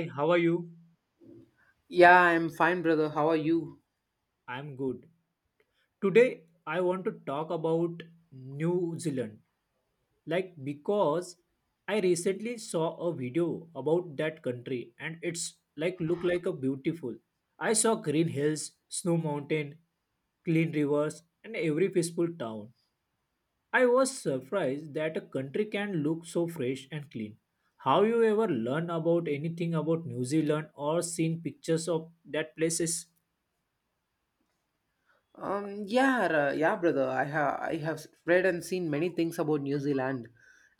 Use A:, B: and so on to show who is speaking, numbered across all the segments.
A: Hey, how are you?
B: Yeah, I'm fine, brother. How are you?
A: I'm good. Today I want to talk about New Zealand. Like because I recently saw a video about that country and it's like look like a beautiful. I saw green hills, snow mountain, clean rivers and every peaceful town. I was surprised that a country can look so fresh and clean. How you ever learn about anything about New Zealand or seen pictures of that places?
B: Yeah, brother. I have read and seen many things about New Zealand,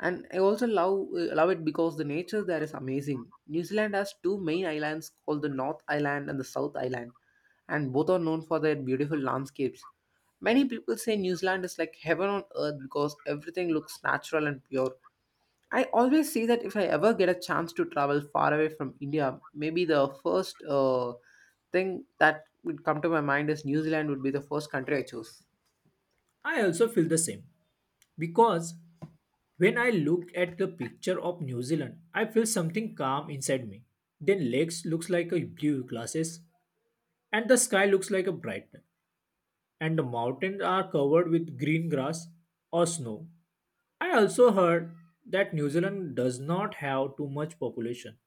B: and I also love it because the nature there is amazing. New Zealand has two main islands called the North Island and the South Island, and both are known for their beautiful landscapes. Many people say New Zealand is like heaven on earth because everything looks natural and pure. I always say that if I ever get a chance to travel far away from India, maybe the first thing that would come to my mind is New Zealand would be the first country I choose.
A: I also feel the same because when I look at the picture of New Zealand, I feel something calm inside me. Then lakes looks like a blue glasses, and the sky looks like a bright, and the mountains are covered with green grass or snow. I also heard that New Zealand does not have too much population,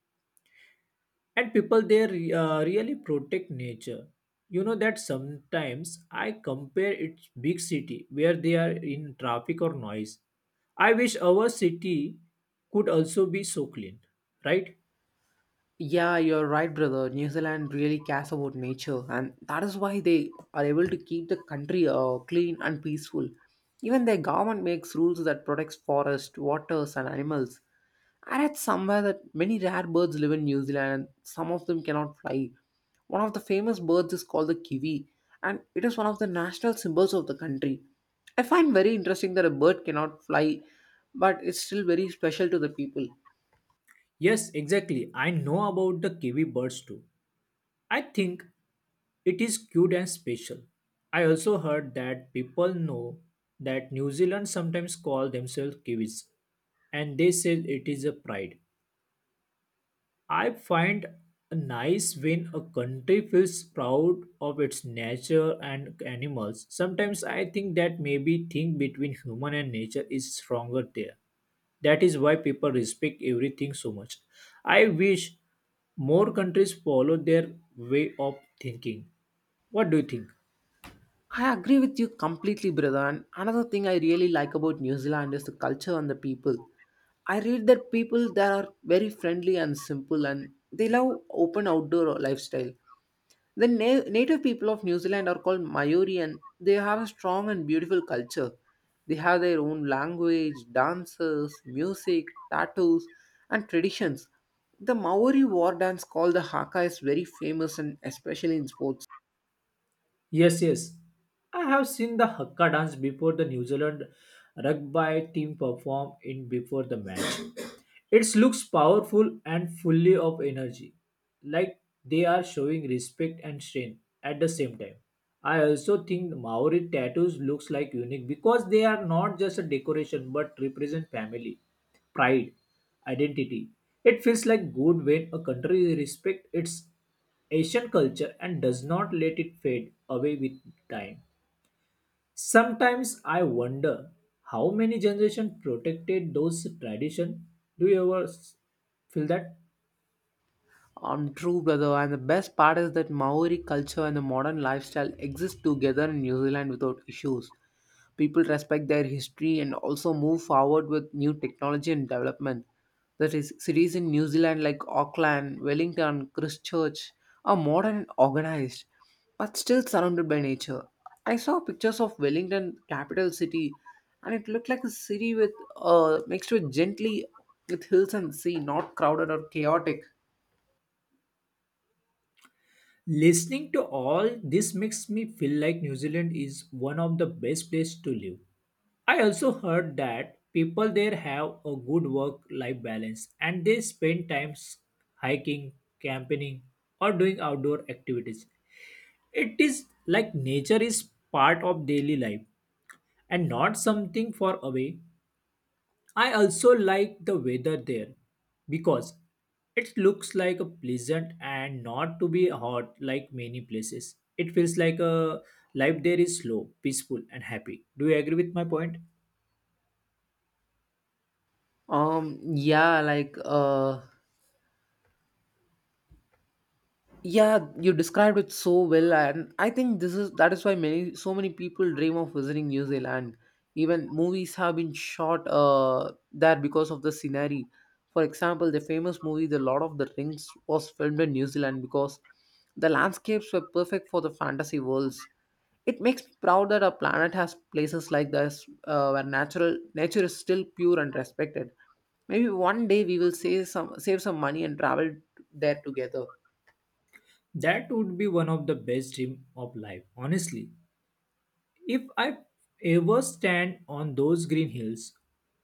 A: and people there really protect nature. You know that sometimes I compare it big city where they are in traffic or noise. I wish our city could also be so clean, right?
B: Yeah, you're right, brother. New Zealand really cares about nature, and that is why they are able to keep the country clean and peaceful. Even their government makes rules that protects forest, waters, and animals. I read somewhere that many rare birds live in New Zealand and some of them cannot fly. One of the famous birds is called the kiwi and it is one of the national symbols of the country. I find very interesting that a bird cannot fly but it's still very special to the people.
A: Yes, exactly, I know about the kiwi birds too. I think it is cute and special. I also heard that people know that New Zealand sometimes call themselves kiwis and they say it is a pride. I find nice when a country feels proud of its nature and animals. Sometimes I think that maybe thing between human and nature is stronger there. That is why people respect everything so much. I wish more countries follow their way of thinking. What do you think?
B: I agree with you completely, brother. And another thing I really like about New Zealand is the culture and the people. I read that people there are very friendly and simple and they love open outdoor lifestyle. The native people of New Zealand are called Maori and they have a strong and beautiful culture. They have their own language, dances, music, tattoos, and traditions. The Maori war dance called the Haka is very famous and especially in sports.
A: Yes, yes. I have seen the Hakka dance before the New Zealand rugby team perform in before the match. It looks powerful and fully of energy, like they are showing respect and strength at the same time. I also think Maori tattoos looks like unique because they are not just a decoration but represent family, pride, identity. It feels like good when a country respects its Asian culture and does not let it fade away with time. Sometimes I wonder how many generations protected those tradition. Do you ever feel that?
B: True, brother. And the best part is that Maori culture and the modern lifestyle exist together in New Zealand without issues. People respect their history and also move forward with new technology and development. That is, cities in New Zealand like Auckland, Wellington, Christchurch are modern and organized, but still surrounded by nature. I saw pictures of Wellington, capital city, and it looked like a city with mixed with gently with hills and sea, not crowded or chaotic.
A: Listening to all this makes me feel like New Zealand is one of the best places to live. I also heard that people there have a good work life balance and they spend times hiking, camping, or doing outdoor activities. It is like nature is part of daily life and not something far away. I also like the weather there because it looks like a pleasant and not to be hot like many places. It feels like a life there is slow, peaceful, and happy. Do you agree with my point?
B: Um, yeah, like uh, Yeah, you described it so well, and I think this is that is why many so many people dream of visiting New Zealand. Even movies have been shot there because of the scenery. For example, the famous movie The Lord of the Rings was filmed in New Zealand because the landscapes were perfect for the fantasy worlds. It makes me proud that our planet has places like this where natural nature is still pure and respected. Maybe one day we will save some money and travel there together.
A: That would be one of the best dream of life, honestly. If I ever stand on those green hills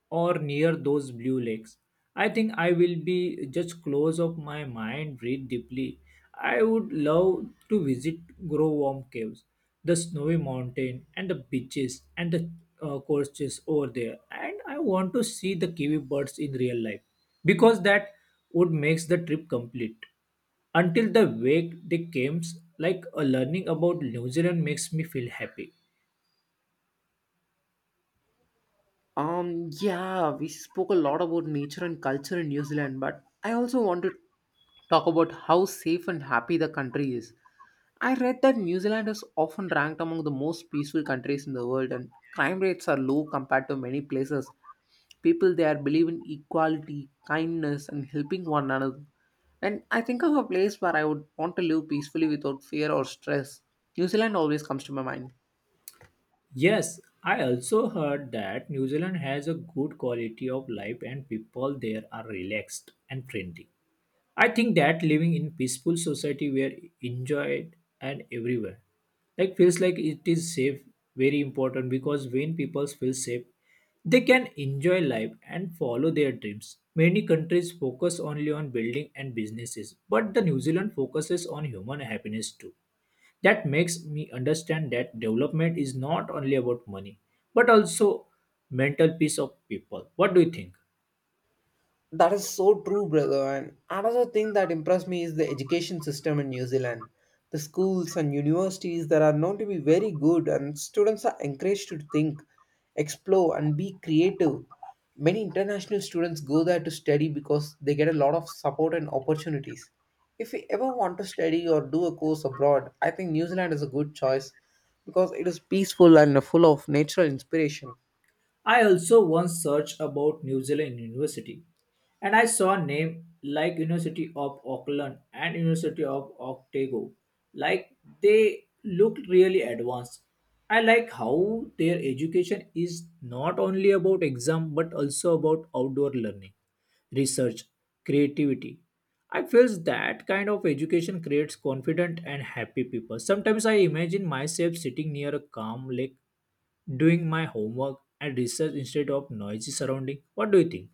A: or near those blue lakes, I think I will be just close of my mind, breathe deeply. I would love to visit grow warm caves, the snowy mountain, and the beaches and the coasts over there. And I want to see the kiwi birds in real life because that would makes the trip complete until the wake they came, like a learning about New Zealand makes me feel happy.
B: Yeah, we spoke a lot about nature and culture in New Zealand, but I also want to talk about how safe and happy the country is. I read that New Zealand is often ranked among the most peaceful countries in the world, and crime rates are low compared to many places. People there believe in equality, kindness, and helping one another. And I think of a place where I would want to live peacefully without fear or stress. New Zealand always comes to my mind.
A: Yes, I also heard that New Zealand has a good quality of life and people there are relaxed and friendly. I think that living in peaceful society where enjoyed and everywhere like feels like it is safe very important because when people feel safe they can enjoy life and follow their dreams. Many countries focus only on building and businesses, but the New Zealand focuses on human happiness too. That makes me understand that development is not only about money, but also mental peace of people. What do you think?
B: That is so true, brother. And another thing that impressed me is the education system in New Zealand. The schools and universities that are known to be very good, and students are encouraged to think, explore, and be creative. Many international students go there to study because they get a lot of support and opportunities. If we ever want to study or do a course abroad, I think New Zealand is a good choice because it is peaceful and full of natural inspiration.
A: I also once searched about New Zealand University and I saw names like University of Auckland and University of Otago. Like they look really advanced. I like how their education is not only about exam but also about outdoor learning, research, creativity. I feels that kind of education creates confident and happy people. Sometimes I imagine myself sitting near a calm lake doing my homework and research instead of noisy surrounding. What do you think?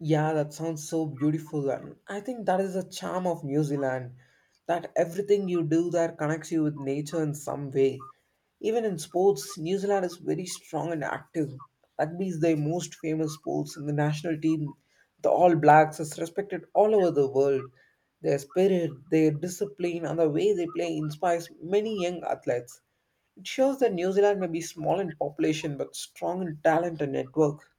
B: Yeah, that sounds so beautiful. And I think that is the charm of New Zealand that everything you do there connects you with nature in some way. Even in sports, New Zealand is very strong and active. Rugby is their most famous sports, and the national team, the All Blacks, is respected all over the world. Their spirit, their discipline, and the way they play inspires many young athletes. It shows that New Zealand may be small in population but strong in talent and network.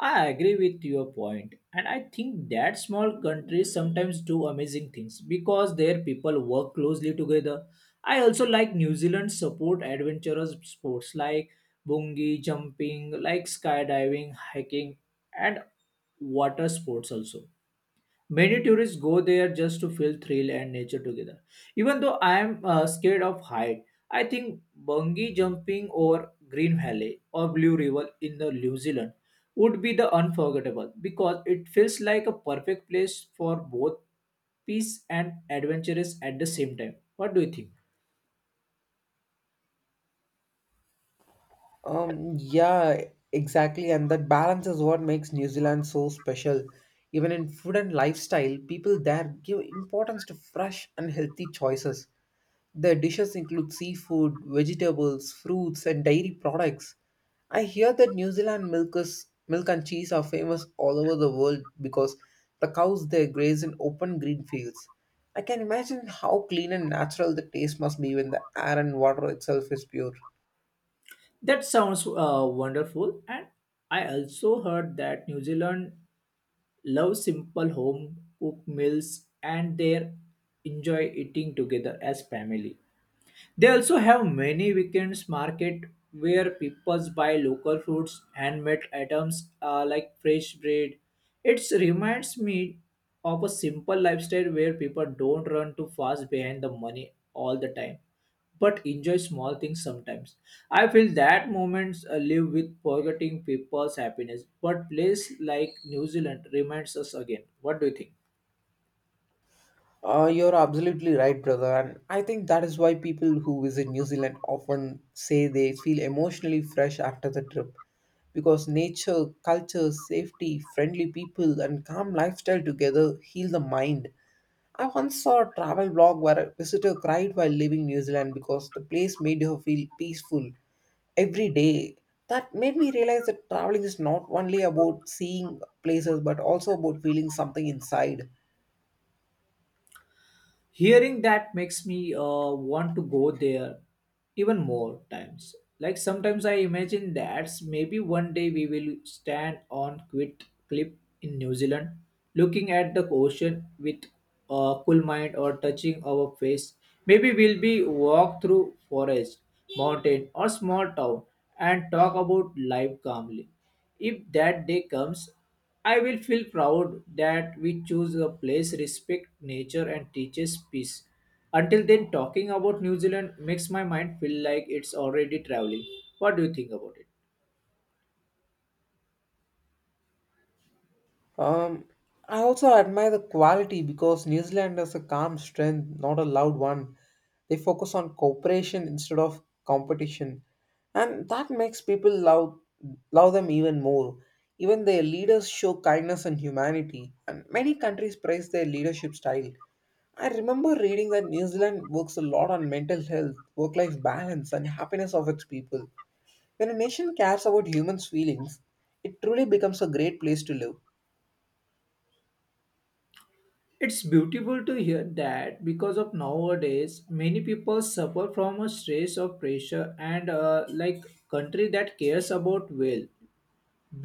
A: I agree with your point, and I think that small countries sometimes do amazing things because their people work closely together. I also like New Zealand support adventurous sports like bungee jumping, like skydiving, hiking, and water sports also. Many tourists go there just to feel thrill and nature together. Even though I am scared of height, I think bungee jumping over Green Valley or Blue River in the New Zealand would be the unforgettable because it feels like a perfect place for both peace and adventurous at the same time. What do you think?
B: Yeah, exactly. And that balance is what makes New Zealand so special. Even in food and lifestyle, people there give importance to fresh and healthy choices. Their dishes include seafood, vegetables, fruits, and dairy products. I hear that New Zealand milk and cheese are famous all over the world because the cows there graze in open green fields. I can imagine how clean and natural the taste must be when the air and water itself is pure.
A: That sounds wonderful, and I also heard that New Zealand love simple home cooked meals and they enjoy eating together as family. They also have many weekends market where people buy local fruits, handmade items, like fresh bread. It reminds me of a simple lifestyle where people don't run too fast behind the money all the time, but enjoy small things sometimes. I feel that moments live with forgetting people's happiness, but place like New Zealand reminds us again. What do you think?
B: You're absolutely right, brother. And I think that is why people who visit New Zealand often say they feel emotionally fresh after the trip because nature, culture, safety, friendly people, and calm lifestyle together heal the mind. I once saw a travel blog where a visitor cried while leaving New Zealand because the place made her feel peaceful every day. That made me realize that traveling is not only about seeing places but also about feeling something inside.
A: Hearing that makes me want to go there even more times. Like sometimes I imagine that maybe one day we will stand on quit cliff in New Zealand looking at the ocean with a cool mind or touching our face. Maybe we'll be walk through forest, mountain or small town and talk about life calmly. If that day comes, I will feel proud that we choose a place, respect nature, and teaches peace. Until then, talking about New Zealand makes my mind feel like it's already traveling. What do you think about it?
B: Um, I also admire the quality because New Zealand has a calm strength, not a loud one. They focus on cooperation instead of competition, and that makes people love them even more. Even their leaders show kindness and humanity, and many countries praise their leadership style. I remember reading that New Zealand works a lot on mental health, work life balance, and happiness of its people. When a nation cares about humans' feelings, it truly becomes a great place to live.
A: It's beautiful to hear that because of nowadays, many people suffer from a stress or pressure, and like country that cares about well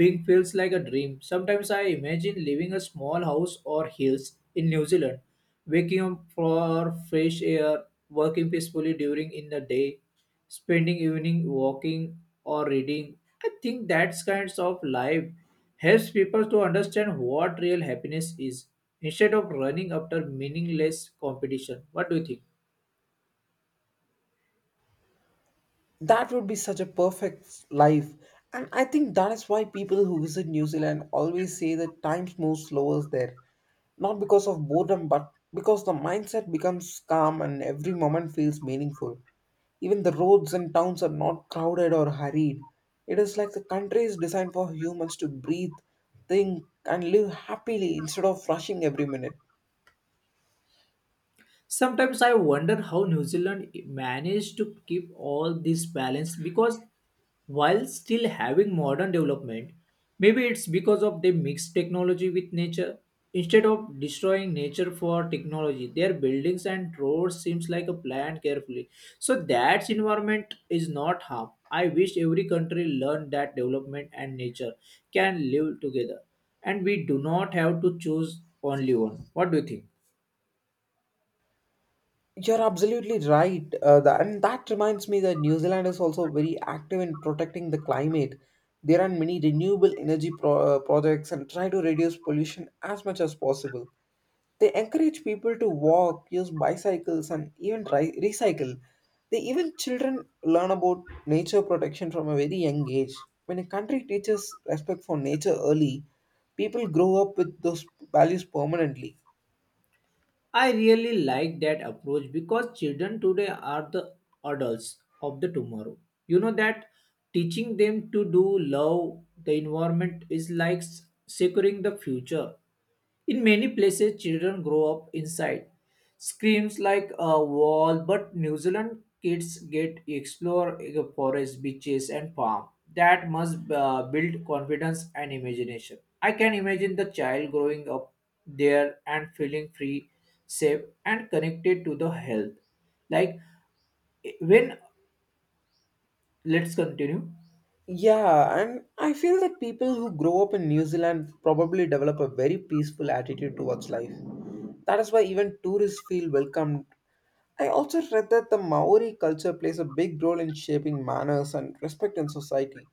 A: Big feels like a dream. Sometimes I imagine living a small house or hills in New Zealand, waking up for fresh air, working peacefully during in the day, spending evening walking or reading. I think that kinds of life helps people to understand what real happiness is instead of running after meaningless competition. What do you think?
B: That would be such a perfect life, and I think that is why people who visit new zealand always say that times move slower there, not because of boredom but because the mindset becomes calm and every moment feels meaningful. Even the roads and towns are not crowded or hurried. It is like the country is designed for humans to breathe, think and live happily instead of rushing every minute.
A: Sometimes I wonder how New Zealand managed to keep all this balance because while still having modern development, maybe it's because of they mix technology with nature. Instead of destroying nature for technology, their buildings and roads seems like a plan carefully. So that environment is not harm. I wish every country learned that development and nature can live together and we do not have to choose only one. What do you think?
B: You're absolutely right. And that reminds me that New Zealand is also very active in protecting the climate. There are many renewable energy projects and try to reduce pollution as much as possible. They encourage people to walk, use bicycles, and even recycle. They even children learn about nature protection from a very young age. When a country teaches respect for nature early, people grow up with those values permanently.
A: I really like that approach because children today are the adults of the tomorrow. You know that teaching them to do love the environment is like securing the future. In many places, children grow up inside screams like a wall, but New Zealand kids get explore the forest, beaches, and farm. That must build confidence and imagination. I can imagine the child growing up there and feeling free, safe and connected to the health, like, when, let's continue.
B: Yeah, and I feel that people who grow up in New Zealand probably develop a very peaceful attitude towards life. That is why even tourists feel welcomed. I also read that the Maori culture plays a big role in shaping manners and respect in society.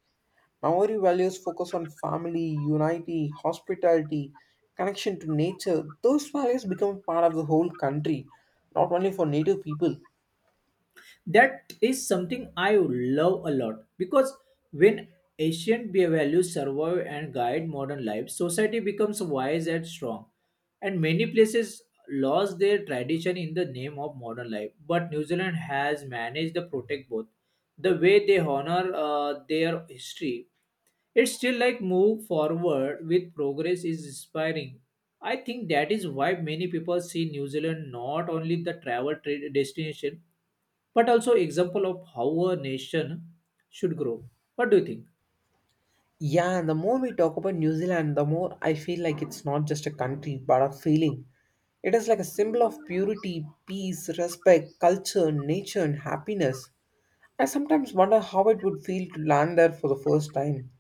B: Maori values focus on family, unity, hospitality, connection to nature. Those values become part of the whole country, not only for native people.
A: That is something I love a lot because when ancient values survive and guide modern life society becomes wise and strong. And many places lost their tradition in the name of modern life, but New Zealand has managed to protect both. The way they honor their history, it's still like move forward with progress is inspiring. I think that is why many people see New Zealand not only the travel trade destination but also example of how a nation should grow. What do you think?
B: Yeah, and the more we talk about New Zealand, the more I feel like it's not just a country, but a feeling. It is like a symbol of purity, peace, respect, culture, nature, and happiness. I sometimes wonder how it would feel to land there for the first time.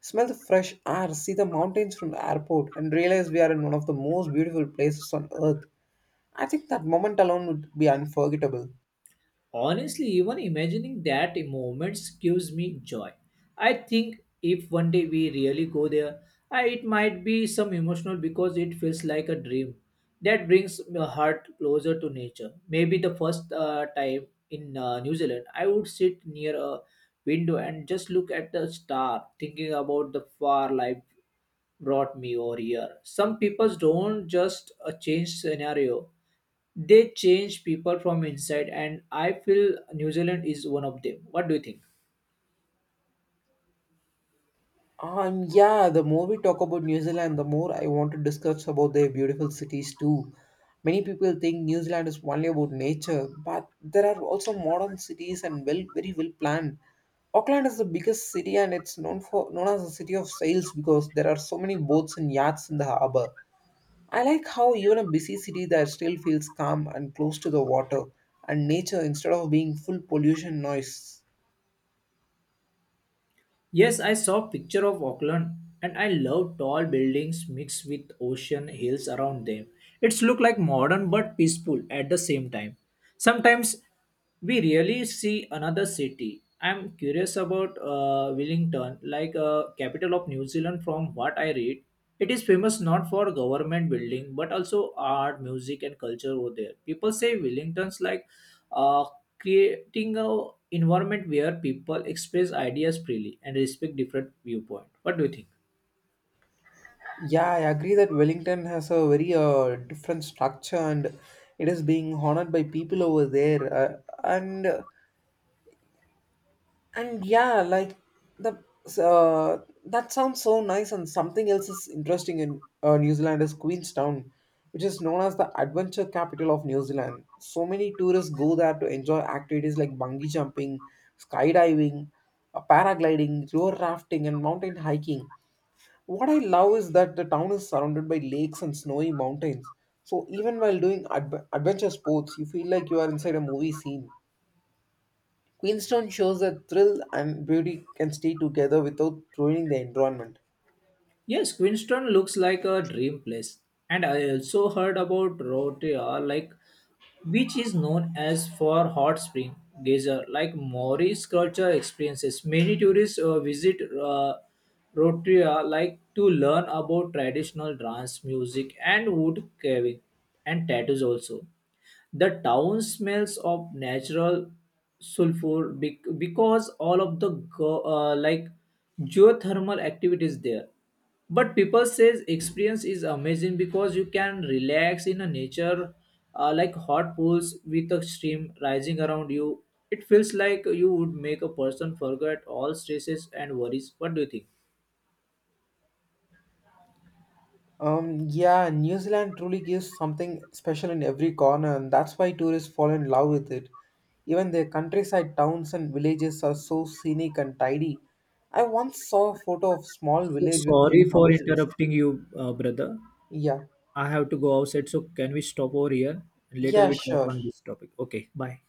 B: Smell the fresh air, see the mountains from the airport, and realize we are in one of the most beautiful places on earth. I think that moment alone would be unforgettable.
A: Honestly, even imagining that moments gives me joy. I think if one day we really go there, I, it might be some emotional because it feels like a dream that brings my heart closer to nature. Maybe the first time in New Zealand, I would sit near a window and just look at the star, thinking about the far life brought me over here. Some people don't just change scenario, they change people from inside, and I feel New Zealand is one of them. What do you think?
B: Yeah, the more we talk about New Zealand, the more I want to discuss about their beautiful cities too. Many people think New Zealand is only about nature, but there are also modern cities and well, very well planned. Auckland is the biggest city and it's known as the city of sails because there are so many boats and yachts in the harbor. I like how even a busy city that still feels calm and close to the water and nature instead of being full pollution noise.
A: Yes, I saw picture of Auckland, and I love tall buildings mixed with ocean hills around them. It's look like modern but peaceful at the same time. Sometimes we really see another city. I'm curious about Wellington, like a capital of New Zealand. From what I read, it is famous not for government building but also art, music, and culture over there. People say Wellington's like uh, creating a environment where people express ideas freely and respect different viewpoint. What do you think?
B: Yeah, I agree that Wellington has a very different structure and it is being honored by people over there. And yeah, like the That sounds so nice. And something else is interesting in New Zealand is Queenstown, which is known as the adventure capital of New Zealand. So many tourists go there to enjoy activities like bungee jumping, skydiving, paragliding, river rafting, and mountain hiking. What I love is that the town is surrounded by lakes and snowy mountains. So even while doing adventure sports, you feel like you are inside a movie scene. Queenstown shows that thrill and beauty can stay together without ruining the environment.
A: Yes, Queenstown looks like a dream place. And I also heard about Rotorua, like which is known as for hot spring geyser. Like Maori's culture experiences, many tourists visit Rotorua like to learn about traditional dance, music, and wood carving, and tattoos also. The town smells of natural sulfur because all of the like geothermal activities there, but people says experience is amazing because you can relax in a nature, like hot pools with a stream rising around you. It feels like you would make a person forget all stresses and worries. What do you think?
B: Yeah, New Zealand truly gives something special in every corner, and that's why tourists fall in love with it. Even their countryside towns and villages are so scenic and tidy. I once saw a photo of small
A: So
B: village with
A: sorry
B: few
A: for
B: houses.
A: interrupting you, brother.
B: Yeah,
A: I have to go outside, so can we stop over here? Later
B: yeah,
A: we talk
B: sure.
A: on this topic. Okay, bye.